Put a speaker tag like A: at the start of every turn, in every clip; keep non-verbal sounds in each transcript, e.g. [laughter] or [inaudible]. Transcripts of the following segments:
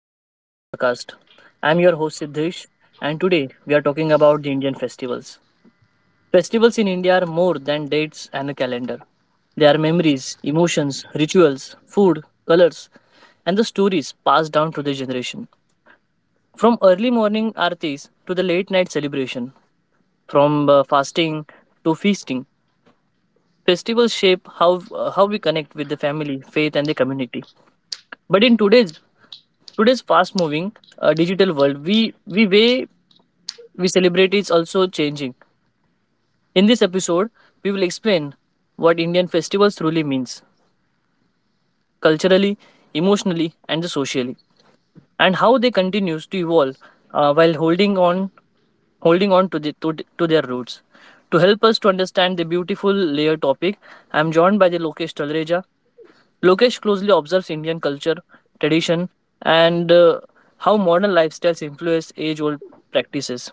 A: welcome to the podcast. I'm your host Siddhesh, and today we are talking about the Indian festivals. Festivals in India are more than dates and a calendar. They are memories, emotions, rituals, food, colors, and the stories passed down to the generation. From early morning aartis to the late night celebration, from fasting to feasting, festivals shape how how we connect with the family, faith, and the community. But in today's fast moving digital world, we weigh we celebrate is also changing. In this episode, we will explain what Indian festivals truly means culturally, emotionally, and socially, and how they continues to evolve while holding on to their roots. To help us to understand the beautiful layered topic, I am joined by the Lokesh Talreja. Lokesh closely observes Indian culture, tradition, and how modern lifestyles influence age-old practices.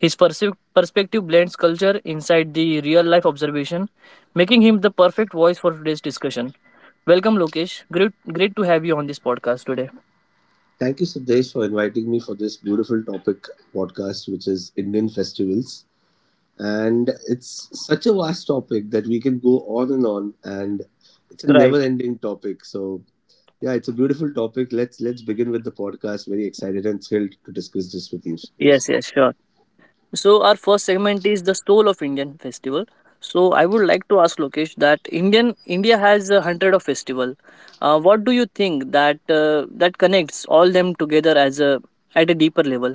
A: His perspective blends culture inside the real life observation, making him the perfect voice for today's discussion. Welcome, Lokesh. Great, great to have you on this podcast today.
B: Thank you, Siddesh, for inviting me for this beautiful topic podcast, which is Indian festivals. And it's such a vast topic that we can go on, and it's a
A: Right.
B: never-ending topic. So yeah, it's a beautiful topic. Let's begin with the podcast. Very excited and thrilled to discuss this with you, Siddesh.
A: Yes, yes, sure. So, our first segment is the soul of Indian festival. So, I would like to ask Lokesh that India has a hundred of festival. What do you think that that connects all them together as a at a deeper level?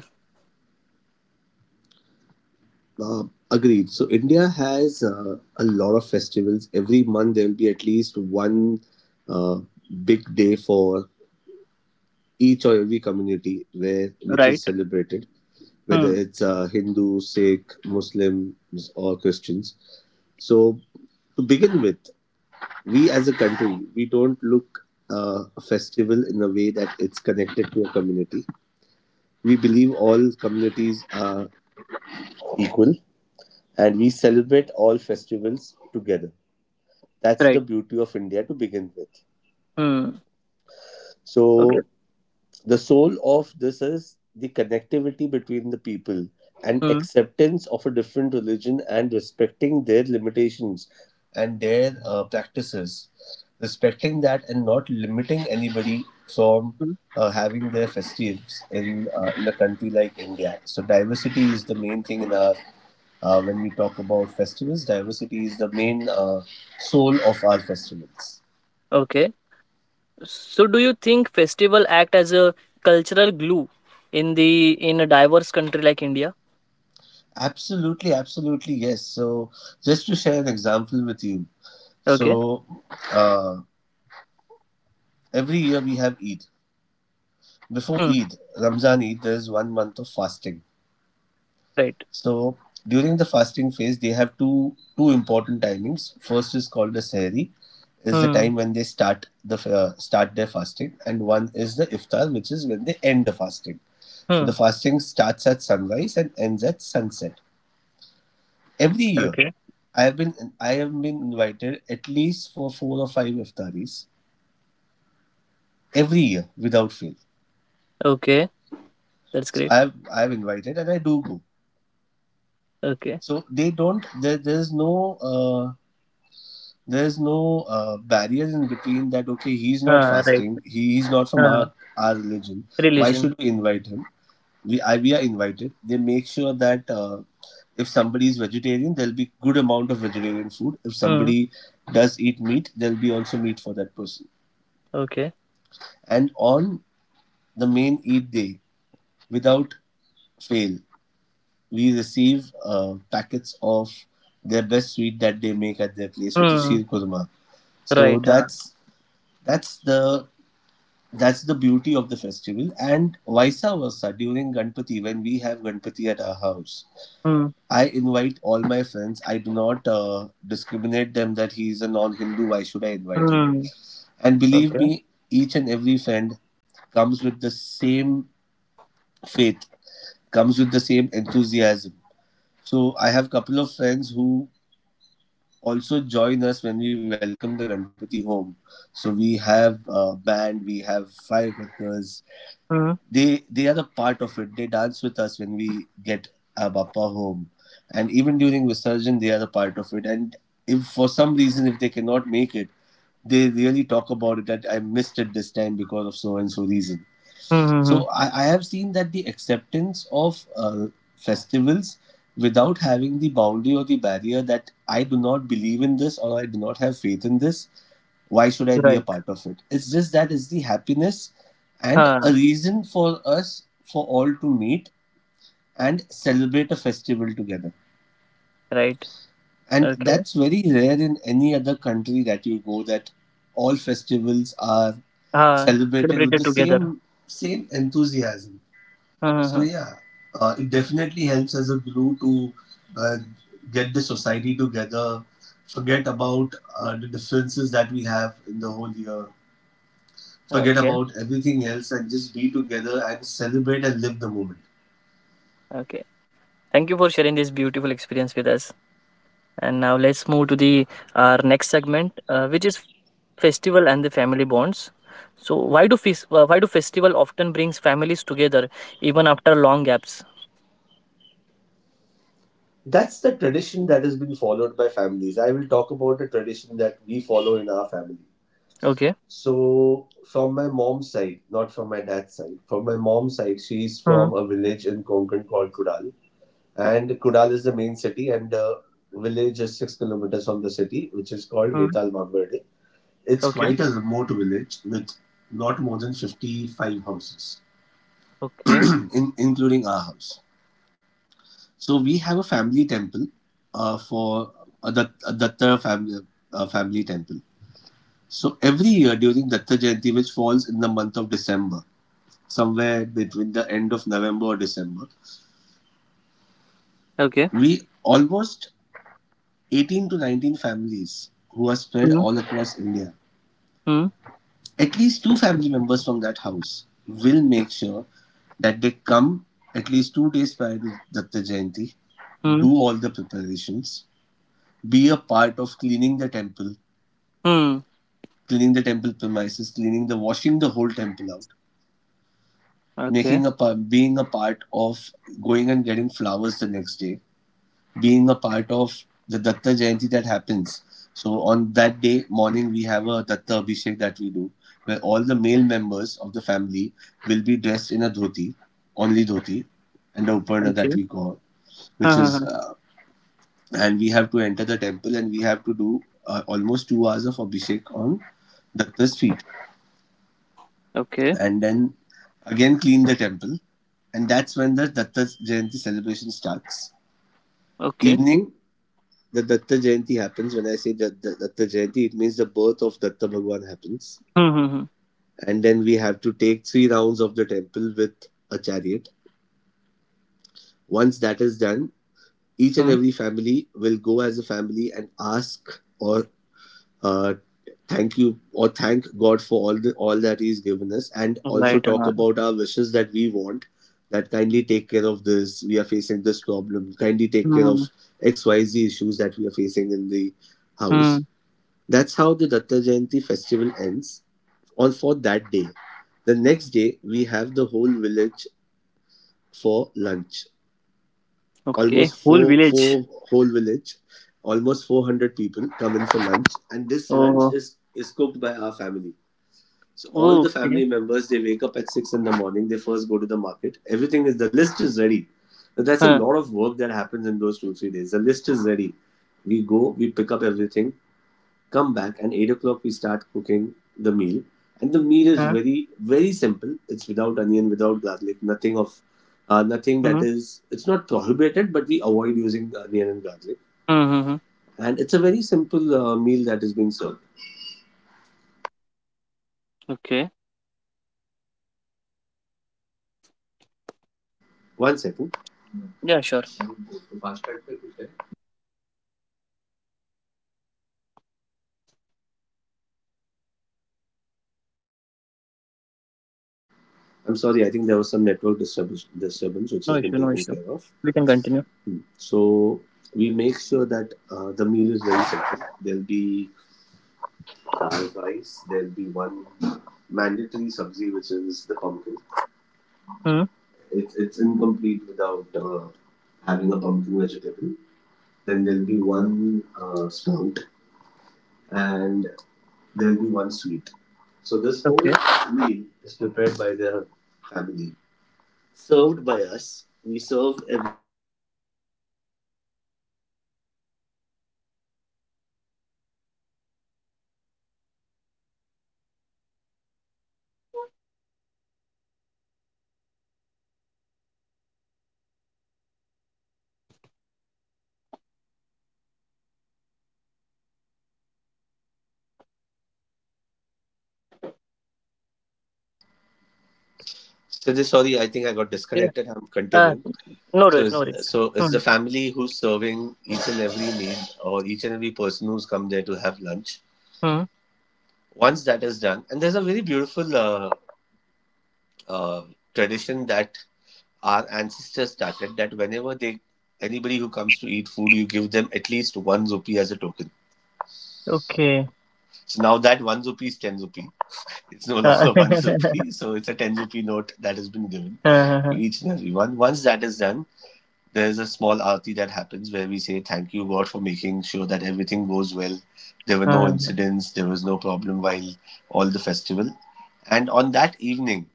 B: Agreed. So India has a lot of festivals. Every month there will be at least one uh, big day for each or every community where which
A: Right.
B: is celebrated, whether
A: Hmm.
B: it's Hindu, Sikh, Muslims, or Christians. So, to begin with, we as a country we don't look a festival in a way that it's connected to a community. We believe all communities are equal, and we celebrate all festivals together. That's the
A: Right.
B: beauty of India to begin with.
A: Hmm. Okay.
B: So The soul of this is the connectivity between the people and
A: Hmm.
B: acceptance of a different religion and respecting their limitations and their practices. Respecting that and not limiting anybody from
A: Hmm.
B: having their festives in a country like India. So, diversity is the main thing in our when we talk about festivals. Diversity is the main soul of our festivals.
A: Okay. So, do you think festival act as a cultural glue in the in a diverse country like India?
B: Absolutely, absolutely, yes. So, just to share an example with you.
A: Okay.
B: So, uh, every year we have Eid. Before
A: Hmm.
B: Eid, Ramzan Eid, there is 1 month of fasting.
A: Right.
B: So, during the fasting phase, they have two important timings. First is called the Sehri, is the
A: Hmm.
B: time when they start the start their fasting, and one is the Iftar, which is when they end the fasting. So,
A: Hmm.
B: the fasting starts at sunrise and ends at sunset every year.
A: Okay.
B: I have been I have been invited at least for 4 or 5 iftaris every year without fail.
A: Okay. That's
B: So I
A: great.
B: have I have invited and I do go.
A: Okay.
B: So they don't there's no there's no barriers in between that okay he's not
A: Right.
B: fasting he is not from
A: Uh,
B: our religion why
A: Religion.
B: should we invite him we are invited. They make sure that if somebody is vegetarian there'll be good amount of vegetarian food, if
A: Hmm.
B: somebody does eat meat there'll be also meat for that person,
A: Okay.
B: and on the main Eid day, without fail, we receive packets of their best sweet that they make at their place, which is
A: Hmm.
B: sheer kurma. So
A: Right.
B: that's the that's the beauty of the festival, and vice versa. During Ganpati, when we have Ganpati at our house,
A: Hmm.
B: I invite all my friends. I do not discriminate them that he is a non-Hindu. Why should I invite him?
A: Hmm.
B: And believe
A: Okay.
B: me, each and every friend comes with the same faith, comes with the same enthusiasm. So I have couple of friends who also join us when we welcome the Ganpati home. So we have a band, we have firecrackers.
A: Hmm.
B: They are a part of it. They dance with us when we get our Bappa home, and even during Visarjan, they are a part of it. And if for some reason if they cannot make it, they really talk about it that I missed it this time because of so and so reason.
A: Hmm. Hmm, hmm.
B: So I have seen that the acceptance of festivals without having the boundary or the barrier that I do not believe in this or I do not have faith in this, why should I be a
A: Right.
B: part of it? It's just that it's the happiness and
A: Huh.
B: a reason for us for all to meet and celebrate a festival together.
A: Right.
B: And
A: Okay.
B: that's very rare in any other country that you go that all festivals are
A: Huh.
B: celebrated with
A: Celebrated
B: the
A: together.
B: same enthusiasm.
A: Hmm. Hmm,
B: So
A: hmm.
B: yeah, it definitely helps as a glue to uh, get the society together. Forget about the differences that we have in the whole year. Forget
A: Okay.
B: about everything else and just be together and celebrate and live the moment.
A: Okay. Thank you for sharing this beautiful experience with us. And now let's move to the our next segment, which is festival and the family bonds. So why do why do festival often brings families together even after long gaps?
B: That's the tradition that has been followed by families. I will talk about a tradition that we follow in our family.
A: Okay.
B: So, from my mom's side, not from my dad's side, from my mom's side, she's
A: Hmm.
B: from a village in Konkan called Kudal. And Kunal is the main city, and village is 6 kilometers from the city, which is called
A: Hmm.
B: Vetal Mamverde. It's
A: Okay.
B: quite a remote village with not more than 55 houses,
A: Okay.
B: in, including our house. So we have a family temple for a Datta family, family temple. So every year during Datta Jayanti, which falls in the month of December, somewhere between the end of November or December,
A: Okay.
B: we almost 18 to 19 families who are spread
A: Hmm.
B: all across India,
A: Hmm.
B: at least two family members from that house will make sure that they come at least 2 days prior to Datta Jayanti,
A: Hmm.
B: do all the preparations, be a part of
A: Hmm.
B: cleaning the temple premises, cleaning the washing the whole temple out,
A: Okay.
B: making a being a part of going and getting flowers the next day, being a part of the Datta Jayanti that happens. So on that day morning, we have a Datta Abhishek that we do, where all the male members of the family will be dressed in a dhoti, only dhoti, and a uparna that
A: Okay.
B: we call, which
A: Huh, huh,
B: is,
A: huh.
B: and we have to enter the temple and we have to do almost 2 hours of Abhishek on Datta's feet,
A: Okay.
B: and then again clean the temple, and that's when the Datta Jayanti celebration starts.
A: Okay.
B: Evening, the Datta Jayanti happens. When I say that the Datta Jayanti, it means the birth of Datta Bhagwan happens.
A: Hmm. Hmm.
B: And then we have to take 3 rounds of the temple with a chariot. Once that is done, each and
A: Hmm.
B: every family will go as a family and ask or uh, thank you or thank God for all the all that He's given us, and
A: Hmm.
B: also
A: Right.
B: talk about our wishes that we want. That kindly take care of this. We are facing this problem. Kindly take care of
A: Hmm.
B: XYZ issues that we are facing in the
A: Hmm.
B: house. That's how the Datta Jayanti festival ends on for that day. The next day we have the whole village for lunch.
A: Okay.
B: Almost
A: Whole
B: four
A: village.
B: four whole village, almost 400 people come in for lunch, and this lunch
A: Oh.
B: is cooked by our family. So all
A: Oh,
B: the
A: okay.
B: family members they wake up at 6 in the morning. They first go to the market. Everything is the list is ready. Now, that's a
A: Huh.
B: lot of work that happens in those 2, 3 days. The list is ready. We go, we pick up everything, come back and 8 o'clock we start cooking the meal, and the meal is
A: Huh.
B: very very simple. It's without onion, without garlic, nothing of nothing that
A: Hmm.
B: is it's not prohibited but we avoid using onion and garlic,
A: Hmm. Hmm. Hmm.
B: and it's a very simple meal that is being served.
A: Okay.
B: 1 second.
A: Yeah. Sure.
B: I'm sorry, I think there was some network disturbance which
A: No
B: has been
A: issue, no
B: taken
A: issue.
B: care of.
A: We can continue.
B: So we make sure that the meal is very simple. There'll be dal rice, there'll be one mandatory sabzi which is the pumpkin.
A: Hmm.
B: It's incomplete without having a pumpkin vegetable. Then there'll be one stout, and there'll be one sweet. So this whole
A: Okay.
B: meal is prepared by the family.
C: So this, sorry, I think I got
A: Yeah.
C: disconnected. I'm
A: Uh,
C: continuing.
A: no
C: So,
A: worries, no
C: is,
A: worries.
C: so it's
A: Hmm.
C: the family who's serving each and every meal, or each and every person who's come there to have lunch.
A: Hmm.
C: Once that is done, and there's a very beautiful uh, tradition that our ancestors started. That whenever they anybody who comes to eat food, you give them at least one rupee as a token.
A: Okay.
C: So now that one rupee is ten rupee. It's no
A: Uh,
C: longer [laughs] one
A: [laughs]
C: rupee, so it's a ten rupee note that has been given to
A: uh-huh.
C: each and every one. Once that is done, there is a small aarti that happens where we say thank you God for making sure that everything goes well, there were no
A: Uh-huh.
C: incidents, there was no problem while all the festival. And on that evening,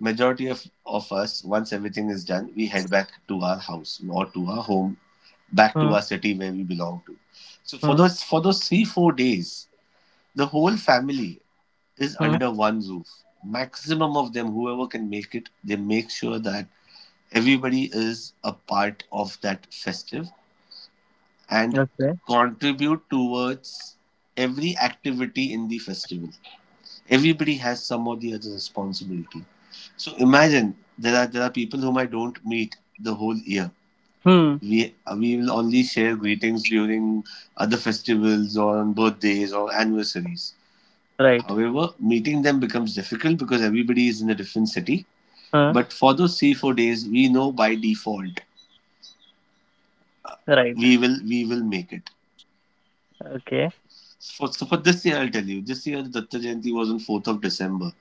C: majority of us, once everything is done, we head back to our house or to our home, back to
A: Hmm.
C: our city where we belong to. So for
A: Hmm.
C: those for those 3-4 days, the whole family is
A: Hmm.
C: under one roof. Maximum of them, whoever can make it, they make sure that everybody is a part of that festive, and
A: Okay.
C: contribute towards every activity in the festival. Everybody has some or the other responsibility. So imagine there are people whom I don't meet the whole year.
A: Hmm.
C: We will only share greetings during other festivals or on birthdays or anniversaries.
A: Right.
C: However, meeting them becomes difficult because everybody is in a different city.
A: Huh.
C: But for those 3-4 days, we know by default
A: Right.
C: we will make it.
A: Okay.
C: So for this year, I'll tell you. This year, Datta Jayanti was on 4th of December.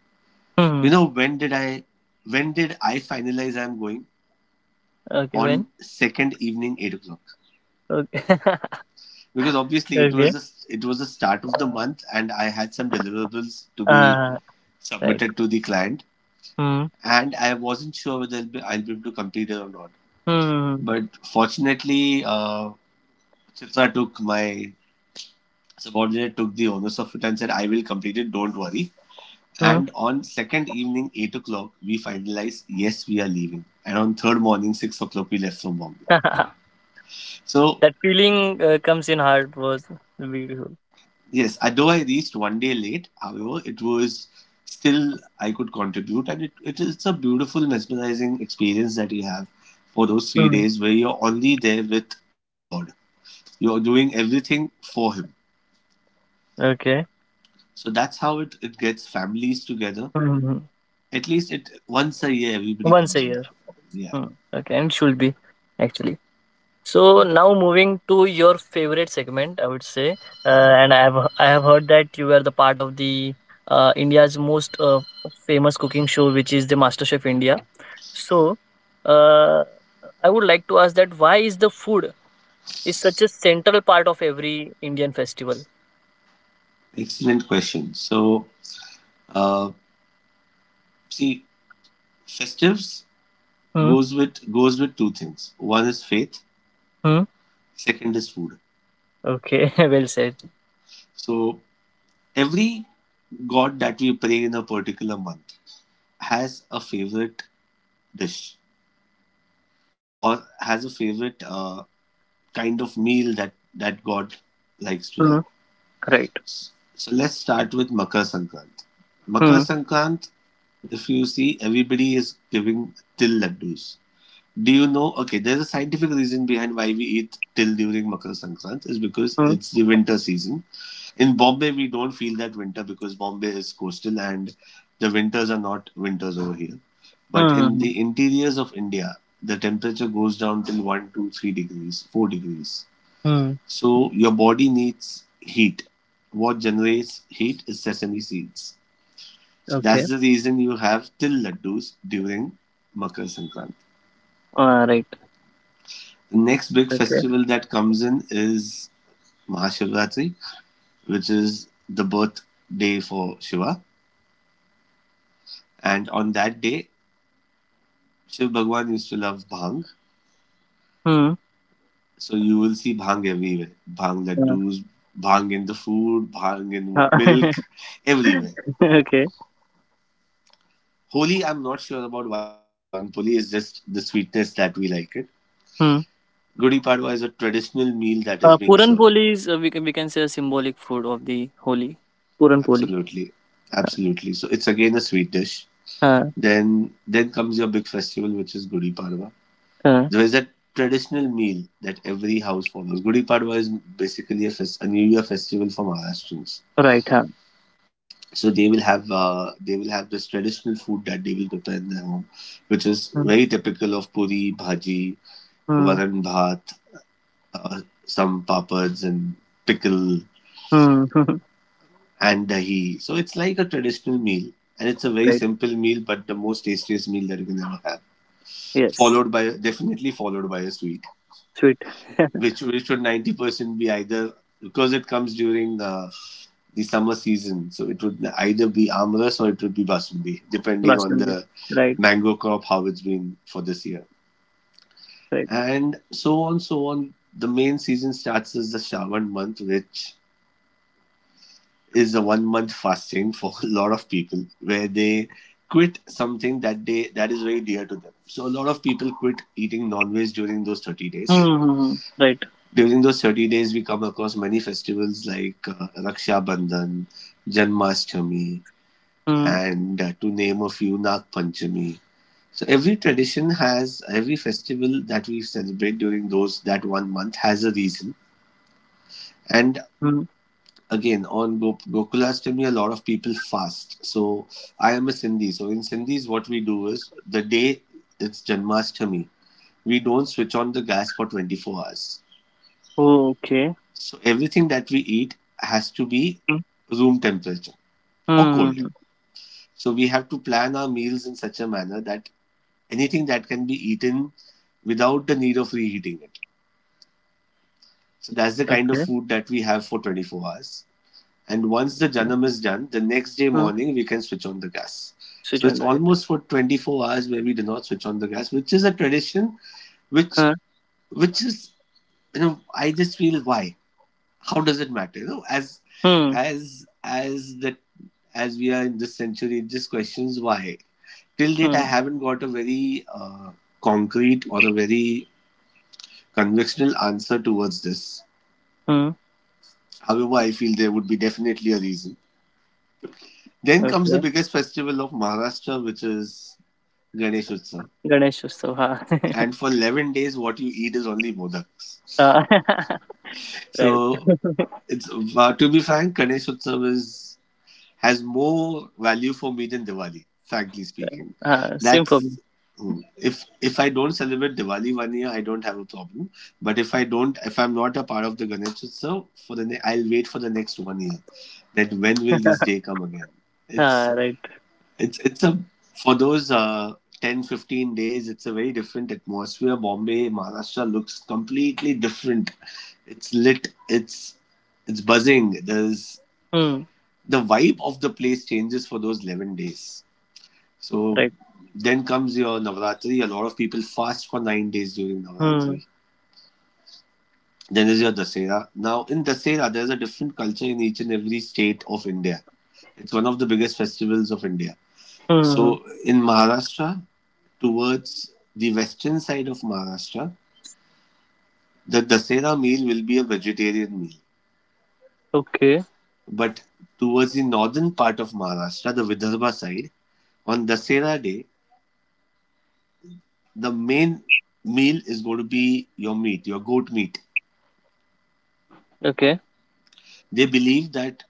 A: Hmm.
C: You know, when did I finalize I'm going?
A: Okay.
C: On
A: When?
C: second evening, 8 o'clock.
A: Okay. [laughs]
C: Because obviously it
A: okay.
C: was, it was the start of the month, and I had some deliverables to be
A: Uh, right.
C: submitted to the client.
A: Hmm.
C: And I wasn't sure whether I'll be able to complete it or not.
A: Hmm.
C: But fortunately, Chitra took my subordinate took the onus of it and said, I will complete it, don't worry.
A: Hmm.
C: And on second evening, 8 o'clock, we finalized, yes, we are leaving. And on third morning, 6 o'clock, we left from Bombay.
A: [laughs]
C: So,
A: That feeling comes in heart was beautiful.
C: yes, though I reached one day late, however, it was still, I could contribute. And it is a beautiful, mesmerizing experience that you have for those three
A: Hmm.
C: days where you're only there with your God. You're doing everything for Him.
A: Okay.
C: So that's how it gets families together.
A: Hmm.
C: At least it once a year, everybody
A: Once
C: comes
A: a year.
C: into. Yeah,
A: Hmm. Okay. And should be actually. So now moving to your favorite segment, I would say, and I have heard that you were the part of the India's most famous cooking show, which is the MasterChef India. So uh, I would like to ask that why is the food is such a central part of every Indian festival?
C: excellent question. So, uh, see, festives
A: Hmm.
C: goes with two things. One is faith,
A: Hmm.
C: second is food.
A: Okay. [laughs] well said.
C: So every god that we pray in a particular month has a favorite dish, or has a favorite kind of meal that that god likes to
A: Hmm.
C: have.
A: Right.
C: So let's start with Makar Sankrant. Makar
A: Hmm.
C: Sankrant, if you see, everybody is giving til laddus. Do you know? Okay, there's a scientific reason behind why we eat till during Makar Sankrant is because
A: Hmm.
C: it's the winter season. In Bombay, we don't feel that winter because Bombay is coastal, and the winters are not winters over here. But in
A: Hmm.
C: the interiors of India, the temperature goes down till one, 2, 3 degrees, 4 degrees.
A: Hmm. Hmm.
C: So your body needs heat. What generates heat is sesame seeds. So
A: Okay.
C: that's the reason you have till laddus during Makar Sankranti.
A: Right.
C: The next big
A: Okay.
C: festival that comes in is Mahashivratri, which is the birthday for Shiva. And on that day, Shiv Bhagwan used to love bhang.
A: Hmm.
C: So you will see bhang everywhere. Bhang laddus, bhang in the food, bhang in
A: Uh,
C: milk,
A: [laughs]
C: everywhere.
A: okay.
C: Holi, I'm not sure about why do we eat puran poli. It's just the sweetness that we like it.
A: Hmm.
C: Gudi Padwa is a traditional meal that is being
A: Puran
C: served.
A: poli is we can say a symbolic food of the Holi. Puran poli.
C: Absolutely. Absolutely. So it's again a sweet dish.
A: Uh,
C: Then comes your big festival, which is Gudi Padwa.
A: uh, uh,
C: There is a traditional meal that every house follows. Gudi Padwa is basically a New Year festival for Maharashtrians.
A: right. Huh.
C: So they will have this traditional food that they will prepare in their home, which is
A: Mm,
C: very typical of puri, bhaji,
A: mm,
C: varan bhat, some papads and pickle
A: mm.
C: and dahi. So it's like a traditional meal, and it's a very
A: [laughs] right.
C: simple meal, but the most tastiest meal that you can ever have.
A: Yes.
C: Followed by, definitely followed by a sweet,
A: Sweet. [laughs]
C: which would 90% be either, because it comes during the summer season, so it would either be amras, or it would be basundi, depending on
A: Basmati.
C: the
A: Right.
C: mango crop how it's been for this year,
A: Right.
C: and so on. The main season starts as the Shravan month, which is a one month fasting for [laughs] a lot of people, where they quit something that is very dear to them. So a lot of people quit eating non-veg during those 30 days.
A: Mm-hmm. Right.
C: During those 30 days, we come across many festivals like Raksha Bandhan, Janmashtami,
A: Mm-hmm.
C: and to name a few, Nag Panchami. So every tradition has every festival that we celebrate during those that one month has a reason. And again, on Gokulashtami, a lot of people fast. So I am a Sindhi. So in Sindhis, what we do is, the day it's Janmashtami, we don't switch on the gas for 24 hours.
A: Okay.
C: So everything that we eat has to be room temperature or colder.
A: Mm-hmm.
C: So we have to plan our meals in such a manner that anything that can be eaten without the need of reheating it. So that's the kind of
A: Okay.
C: food that we have for 24 hours. And once the
A: Yeah.
C: janam is done, the next day
A: Mm.
C: morning we can switch on the gas. So it's
A: Sujanda. Yeah.
C: almost for 24 hours where we do not switch on the gas, which is a tradition, which
A: Huh.
C: which is you know, I just feel why, how does it matter,
A: Mm.
C: as as the as we are in this century, it just questions why. Till date, I
A: Mm.
C: haven't got a very concrete, or a very conventional answer towards this.
A: Mm.
C: However, I feel there would be definitely a reason. Then comes the
A: Okay.
C: biggest festival of Maharashtra, which is Ganesh Utsav.
A: Ganesh Utsav. Huh.
C: And
A: [laughs]
C: for 11 days, what you eat is only modaks.
A: Uh, [laughs] right.
C: So,
A: [laughs]
C: it's to be frank, Ganesh Utsav is has more value for me than Diwali, frankly
A: right.
C: speaking.
A: Same for me.
C: That's hmm. If I don't celebrate Diwali one year, I don't have a problem. But if I'm not a part of the Ganesh Utsav, I'll wait for the next one year. That when will
A: [laughs]
C: this day come again?
A: Ah,
C: It's
A: right.
C: it's a, for those 10-15 days, it's a very different atmosphere, Bombay, Maharashtra looks completely different, it's lit, it's buzzing, there's
A: Hmm.
C: the vibe of the place changes for those 11 days. So
A: Right.
C: then comes your Navratri. A lot of people fast for 9 days during
A: Hmm.
C: Navratri. Then is your Dasera. Now, in Dasera, there's a different culture in each and every state of India. It's one of the biggest festivals of India.
A: Hmm. Hmm.
C: So, in Maharashtra, towards the western side of Maharashtra, the Dasera meal will be a vegetarian meal.
A: Okay.
C: But towards the northern part of Maharashtra, the Vidarbha side, on Dasera day, the main meal is going to be your meat, your goat meat.
A: Okay.
C: They believe that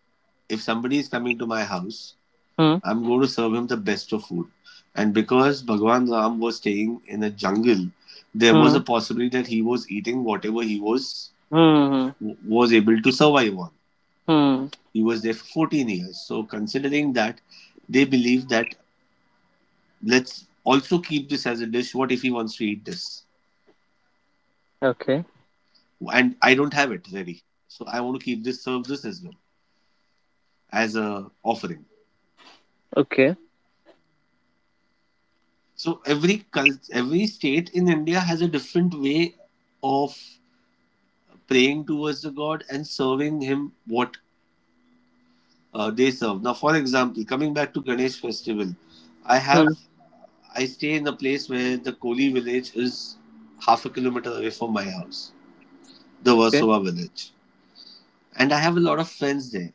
C: if somebody is coming to my house,
A: Hmm.
C: I'm going to serve him the best of food. And because Bhagwan Ram was staying in a jungle, there was
A: Hmm.
C: a possibility that he was eating whatever he
A: Hmm.
C: was able to survive on.
A: Hmm. Hmm.
C: He was there for 14 years. So considering that, they believe that let's also keep this as a dish. What if he wants to eat this,
A: Okay.
C: and I don't have it ready? So I want to keep this, serve this as well, as a offering.
A: Okay.
C: So every cult, every state in India has a different way of praying towards the god and serving him what they serve. Now, for example, coming back to Ganesh festival, I have
A: Hmm.
C: I stay in a place where the Koli village is half a kilometer away from my house, the
A: Okay.
C: Versova village, and I have a lot of friends there.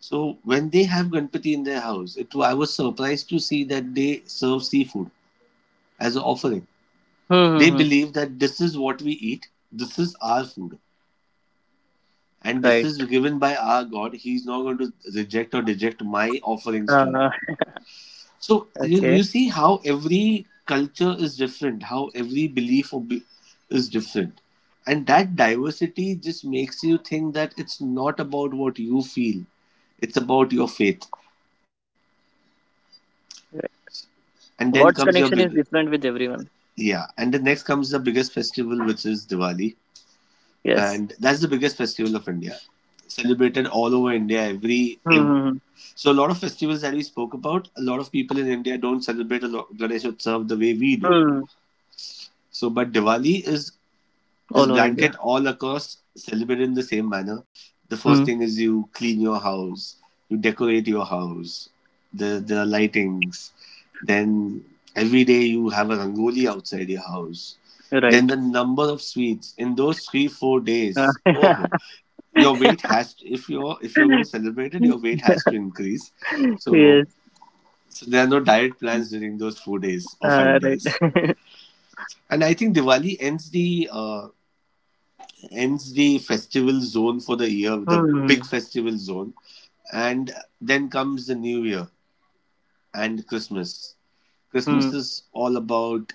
C: So when they have Ganpati in their house, it I was surprised to see that they serve seafood as an offering.
A: Hmm.
C: They
A: Hmm, hmm.
C: believe that this is what we eat, this is our food, and this
A: Right.
C: is given by our God. He's not going to reject or deject my offerings to him.
A: Uh,
C: So
A: [laughs] okay.
C: you see how every culture is different, how every belief is different. And that diversity just makes you think that it's not about what you feel, it's about your faith.
A: Right.
C: And then
A: God's
C: comes your
A: connection is
C: big,
A: different with everyone.
C: yeah, and the next comes the biggest festival, which is Diwali,
A: Yes.
C: and that's the biggest festival of India, celebrated all over India. Every, ev
A: Hmm.
C: so a lot of festivals that we spoke about, a lot of people in India don't celebrate a lot Ganesh Utsav the way we
A: Hmm.
C: do.
A: Hmm. Hmm.
C: So, but Diwali is this
A: All over India.
C: blanket all across celebrated in the same manner. The
A: Hmm.
C: first thing is you clean your house, you decorate your house, the lightings. Then every day you have a rangoli outside your house. Then
A: Right.
C: the number of sweets in those three four
A: Uh,
C: days. Oh, your weight
A: [laughs]
C: has if you're going to celebrate it, your weight has to increase. So,
A: yes.
C: so there are no diet plans during those 4 days or five
A: Right.
C: days.
A: [laughs]
C: And I think Diwali ends the festival zone for the year, the big
A: hmm.
C: festival zone, and then comes the New Year and Christmas.
A: Hmm. Hmm.
C: Christmas is all about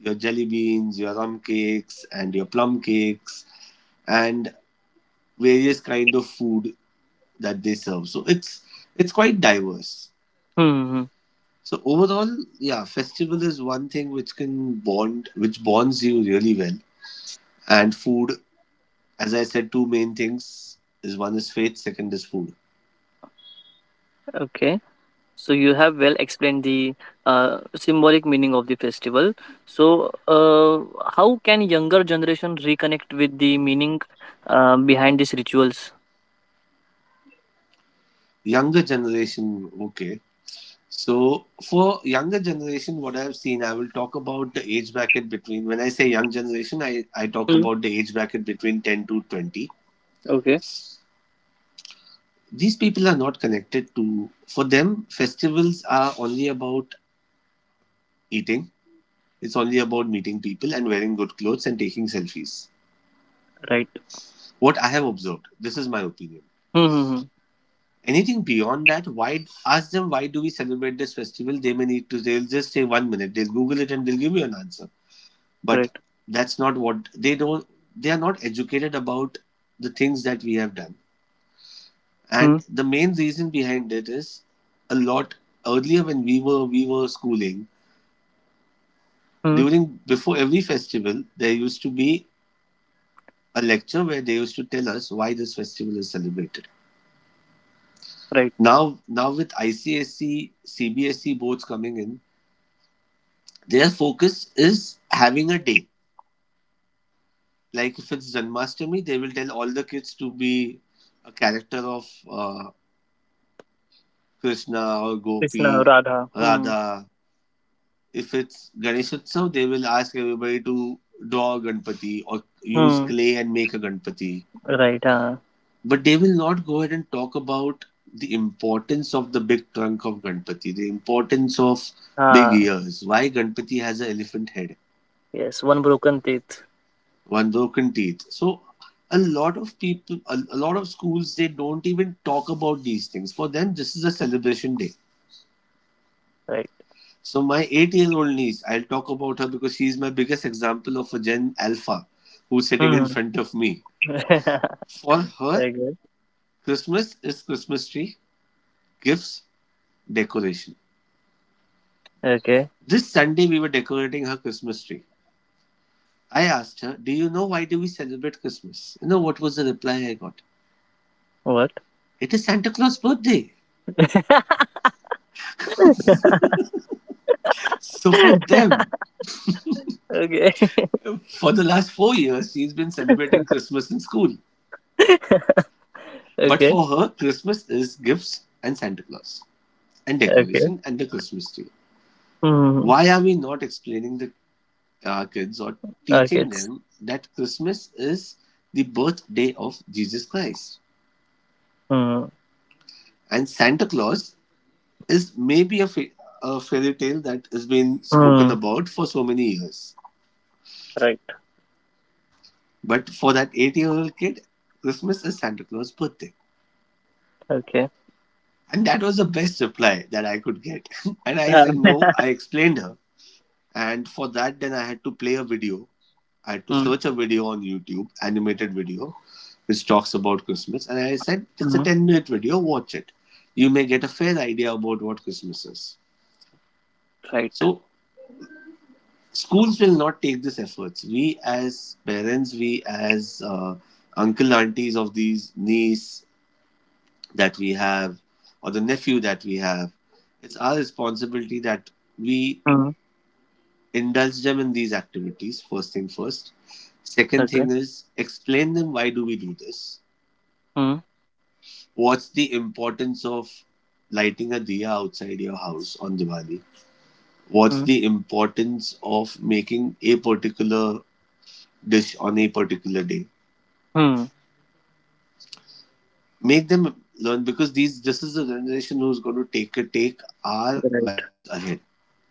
C: your jelly beans, your rum cakes, and your plum cakes, and various kind of food that they serve. So it's quite diverse.
A: Hmm.
C: So overall, yeah, festival is one thing which can bond, which bonds you really well. And food, as I said, two main things is, one is faith, second is food.
A: Okay. So you have well explained the symbolic meaning of the festival. So how can younger generation reconnect with the meaning behind these rituals?
C: Younger generation, okay, so for younger generation, what I've seen, I will talk about the age bracket between, when I say young generation, I talk
A: Hmm.
C: about the age bracket between 10 to 20.
A: Okay.
C: These people are not connected to, for them festivals are only about eating. It's only about meeting people and wearing good clothes and taking selfies.
A: Right.
C: What I have observed, this is my opinion.
A: Hmm. Hmm, hmm.
C: Anything beyond that, why, ask them why do we celebrate this festival, they may need to, they'll just say one minute, they'll Google it and they'll give you an answer. But
A: Right.
C: that's not what, they don't, they are not educated about the things that we have done,
A: Hmm.
C: and the main reason behind it is a lot. Earlier when we were schooling,
A: Hmm.
C: during, before every festival there used to be a lecture where they used to tell us why this festival is celebrated.
A: Right.
C: Now with ICSE CBSE boards coming in, their focus is having a day. Like if it's Janmashtami, they will tell all the kids to be a character of Krishna or
A: Krishna,
C: Gopi,
A: Radha. Hmm.
C: Radha. If it's Ganeshotsav, they will ask everybody to draw a Ganpati or use
A: Hmm.
C: clay and make a Ganpati.
A: Right. Ah.
C: But they will not go ahead and talk about the importance of the big trunk of Ganpati, the importance of big
A: Ah.
C: ears, why Ganpati has an elephant head,
A: Yes. One broken teeth.
C: one broken teeth. So a lot of people, a lot of schools, they don't even talk about these things. For them, this is a celebration day.
A: Right.
C: So my 8 years old niece, I'll talk about her because she is my biggest example of a Gen Alpha who's sitting in
A: Hmm.
C: front of me.
A: [laughs]
C: For her,
A: Very good.
C: Christmas is Christmas tree, gifts, decoration.
A: Okay.
C: This Sunday we were decorating her Christmas tree. I asked her, do you know why do we celebrate Christmas? You know what was the reply I got?
A: What?
C: It is Santa Claus' birthday.
A: [laughs]
C: So for them,
A: [laughs] okay. [laughs]
C: for the last 4 years, she's been celebrating Christmas in school.
A: [laughs]
C: But
A: Okay,
C: for her, Christmas is gifts and Santa Claus and
A: okay.
C: decoration and the Christmas tree.
A: Hmm.
C: Why are we not explaining the, our kids, or
A: Okay,
C: teaching
A: it's
C: them that Christmas is the birthday of Jesus Christ
A: Hmm.
C: and Santa Claus is maybe a fairy tale that has been spoken
A: Mm,
C: about for so many years.
A: right.
C: But for that eight-year-old kid, Christmas is Santa Claus' birthday.
A: Okay.
C: And that was the best reply that I could get. [laughs] And I said,
A: Um,
C: no, I explained her. And for that, then I had to play a video. I had to
A: Hmm.
C: search a video on YouTube, animated video, which talks about Christmas. And I said, it's a
A: Hmm.
C: 10-minute video, watch it. You may get a fair idea about what Christmas is.
A: Right.
C: So, schools will not take this efforts. We, as parents, we, as uncle, aunties of these niece that we have, or the nephew that we have, it's our responsibility that we
A: Hmm.
C: indulge them in these activities. First thing first, second
A: Okay.
C: thing is, explain them why do we do this,
A: Hmm.
C: what's the importance of lighting a diya outside your house on Diwali, what's
A: Hmm.
C: the importance of making a particular dish on a particular day.
A: Hmm.
C: Make them learn, because these this is the generation who's going to take our
A: Right.
C: values ahead.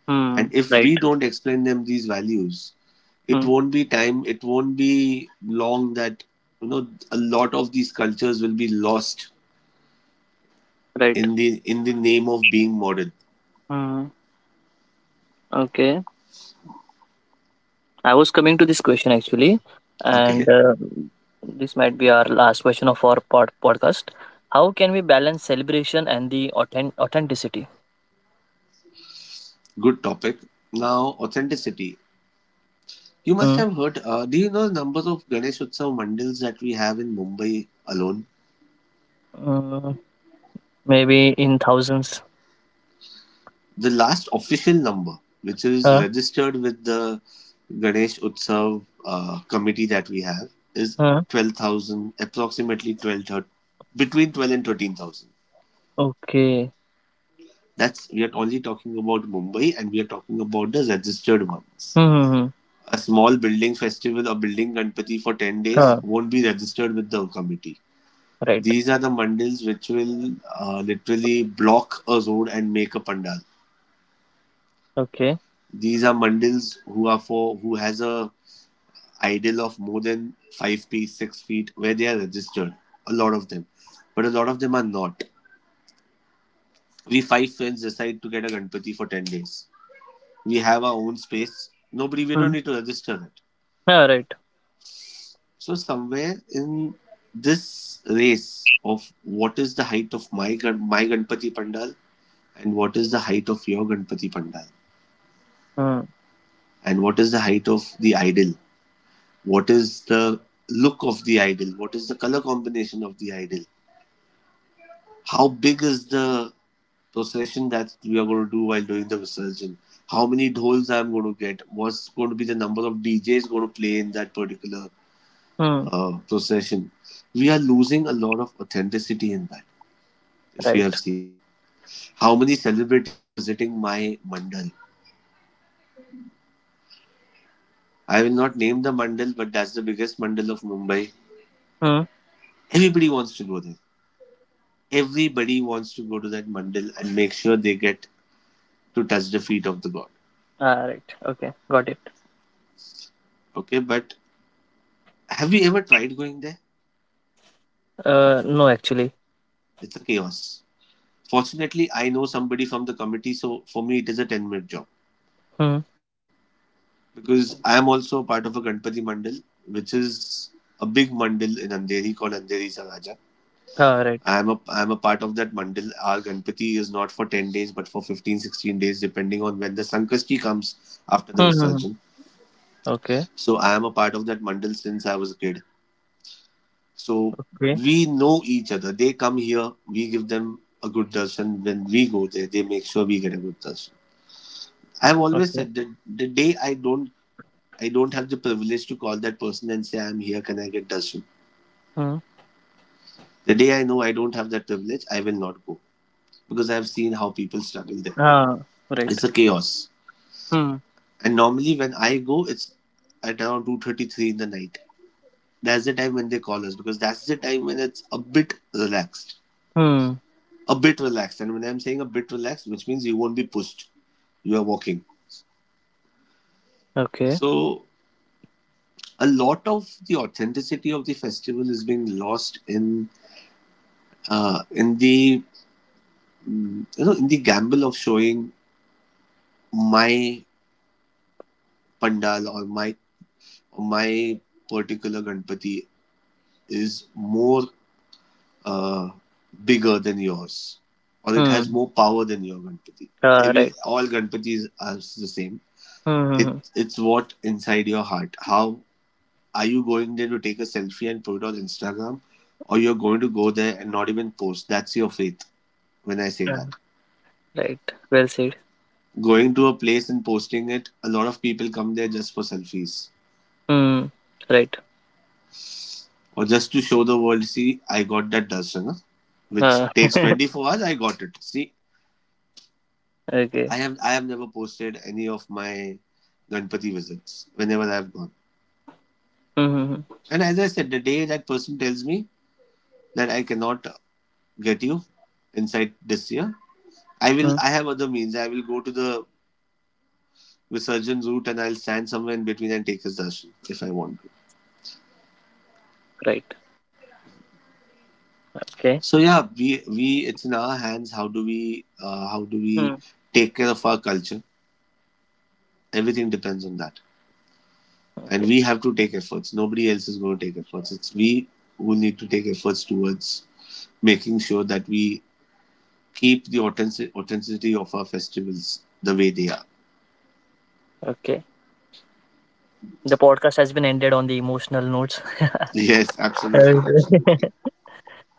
A: Hmm.
C: And if
A: Right.
C: we don't explain them these values, it
A: Hmm.
C: won't be time, it won't be long that a lot of these cultures will be lost
A: Right.
C: in the name of being modern.
A: Hmm. Okay. I was coming to this question actually, and
C: Okay.
A: this might be our last question of our podcast. How can we balance celebration and the authenticity?
C: Good topic. Now, authenticity. You must
A: Mm,
C: have heard, do you know the numbers of Ganesh Utsav mandals that we have in Mumbai alone?
A: mm, maybe in thousands.
C: The last official number which is
A: Huh?
C: registered with the Ganesh Utsav committee that we have is
A: Huh?
C: 12,000, approximately 12, 13, between 12 and 13,000.
A: Okay.
C: That's, we are only talking about Mumbai and we are talking about the registered ones.
A: Hmm. Hmm.
C: A small building festival or building Ganpati for 10 days
A: Ah.
C: won't be registered with the committee.
A: Right.
C: These are the mandals which will literally block a road and make a pandal.
A: Okay.
C: These are mandals who are, for who has a idle of more than 5 feet, 6 feet, where they are registered. A lot of them, but a lot of them are not. We five friends decide to get a Ganpati for 10 days. We have our own space. Nobody, we
A: Hmm.
C: don't need to register it.
A: Ah. Right.
C: So somewhere in this race of what is the height of my Ganpati pandal and what is the height of your Ganpati pandal
A: Hmm.
C: and what is the height of the idol, what is the look of the idol, what is the color combination of the idol, how big is the, so session that we are going to do while doing the research, how many dhols I'm going to get, what's going to be the number of DJs going to play in that particular
A: Hmm.
C: procession. We are losing a lot of authenticity in that. If you have
A: Right.
C: seen how many celebrities are visiting my mandal, I will not name the mandal, but that's the biggest mandal of Mumbai.
A: Hmm.
C: Everybody wants to go there. Everybody wants to go to that mandal and make sure they get to touch the feet of the god.
A: Ah. Right. Okay. Got it.
C: Okay, but have you ever tried going there?
A: Ah. No. Actually.
C: It's a chaos. Fortunately, I know somebody from the committee, so for me it is a 10-minute job,
A: Hmm.
C: because I am also part of a Ganpati Mandal, which is a big mandal in Andheri called Andheri Saraja.
A: Ah. Right.
C: I am a part of that mandal. Our Ganpati is not for 10 days but for 15 16 days depending on when the Sankashti comes after the
A: Hmm. Hmm.
C: Visarjan.
A: Okay.
C: So I am a part of that mandal since I was a kid. So
A: Okay.
C: we know each other. They come here, we give them a good darshan. When we go there, they make sure we get a good darshan. I've always
A: Okay.
C: said that the day I don't have the privilege to call that person and say, I'm here, can I get darshan?
A: Hmm.
C: The day I know I don't have that privilege, I will not go, because I've seen how people struggle there.
A: Ah. Right.
C: It's a chaos,
A: Hmm.
C: and normally when I go, it's at around two thirty three in the night. That's the time when they call us because that's the time when it's a bit relaxed,
A: Hmm.
C: a bit relaxed. And when I'm saying a bit relaxed, which means you won't be pushed. You are walking.
A: Okay.
C: So a lot of the authenticity of the festival is being lost in the mm, you know in the gamble of showing my pandal or my particular Ganpati is more uh, bigger than yours or it has
A: Hmm.
C: more power than your Ganpati.
A: Ah.
C: every
A: Right.
C: all Ganpatis are the same.
A: Hmm.
C: it
A: Hmm.
C: it's what inside your heart. How, are you going there to take a selfie and put it on Instagram, or you're going to go there and not even post? That's your faith, when I say
A: Ah.
C: that.
A: Right. Well said.
C: Going to a place and posting it, a lot of people come there just for selfies,
A: Hmm. Right.
C: or just to show the world, see, I got that darsana,
A: Ah.
C: which takes
A: [laughs]
C: 24 hours. I got it. See,
A: Okay.
C: I have never posted any of my Ganpati visits whenever I have gone.
A: Hmm. Hmm.
C: And as I said, the day that person tells me that I cannot get you inside this year, I will.
A: Hmm.
C: I have other means. I will go to the Visurgin route and I'll stand somewhere in between and take his darshan if I want.
A: Right. Okay.
C: So yeah, we it's in our hands. How do we
A: Hmm.
C: take care of our culture? Everything depends on that, and
A: Okay.
C: we have to take efforts. Nobody else is going to take efforts. It's we who need to take efforts towards making sure that we keep the authenticity of our festivals the way they are.
A: Okay. The podcast has been ended on the emotional notes. [laughs]
C: Yes,
A: Uh,
C: absolutely, absolutely.
A: [laughs]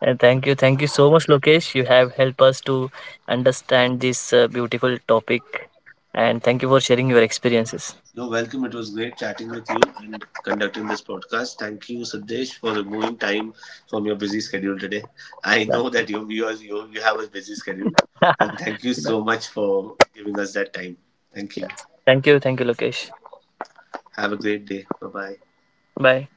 A: Thank you. Thank you so much, Lokesh. You have helped us to understand this beautiful topic. And thank you for sharing your experiences.
C: No, welcome. It was great chatting with you and conducting this podcast. Thank you, Sandesh, for removing time from your busy schedule today. I
A: Yeah.
C: know that you, are, you have a busy schedule, and thank you
A: [laughs] yes.
C: so much for giving us that time. Thank you.
A: Thank you. Thank you, Lokesh.
C: Have a great day. Bye bye.
A: Bye.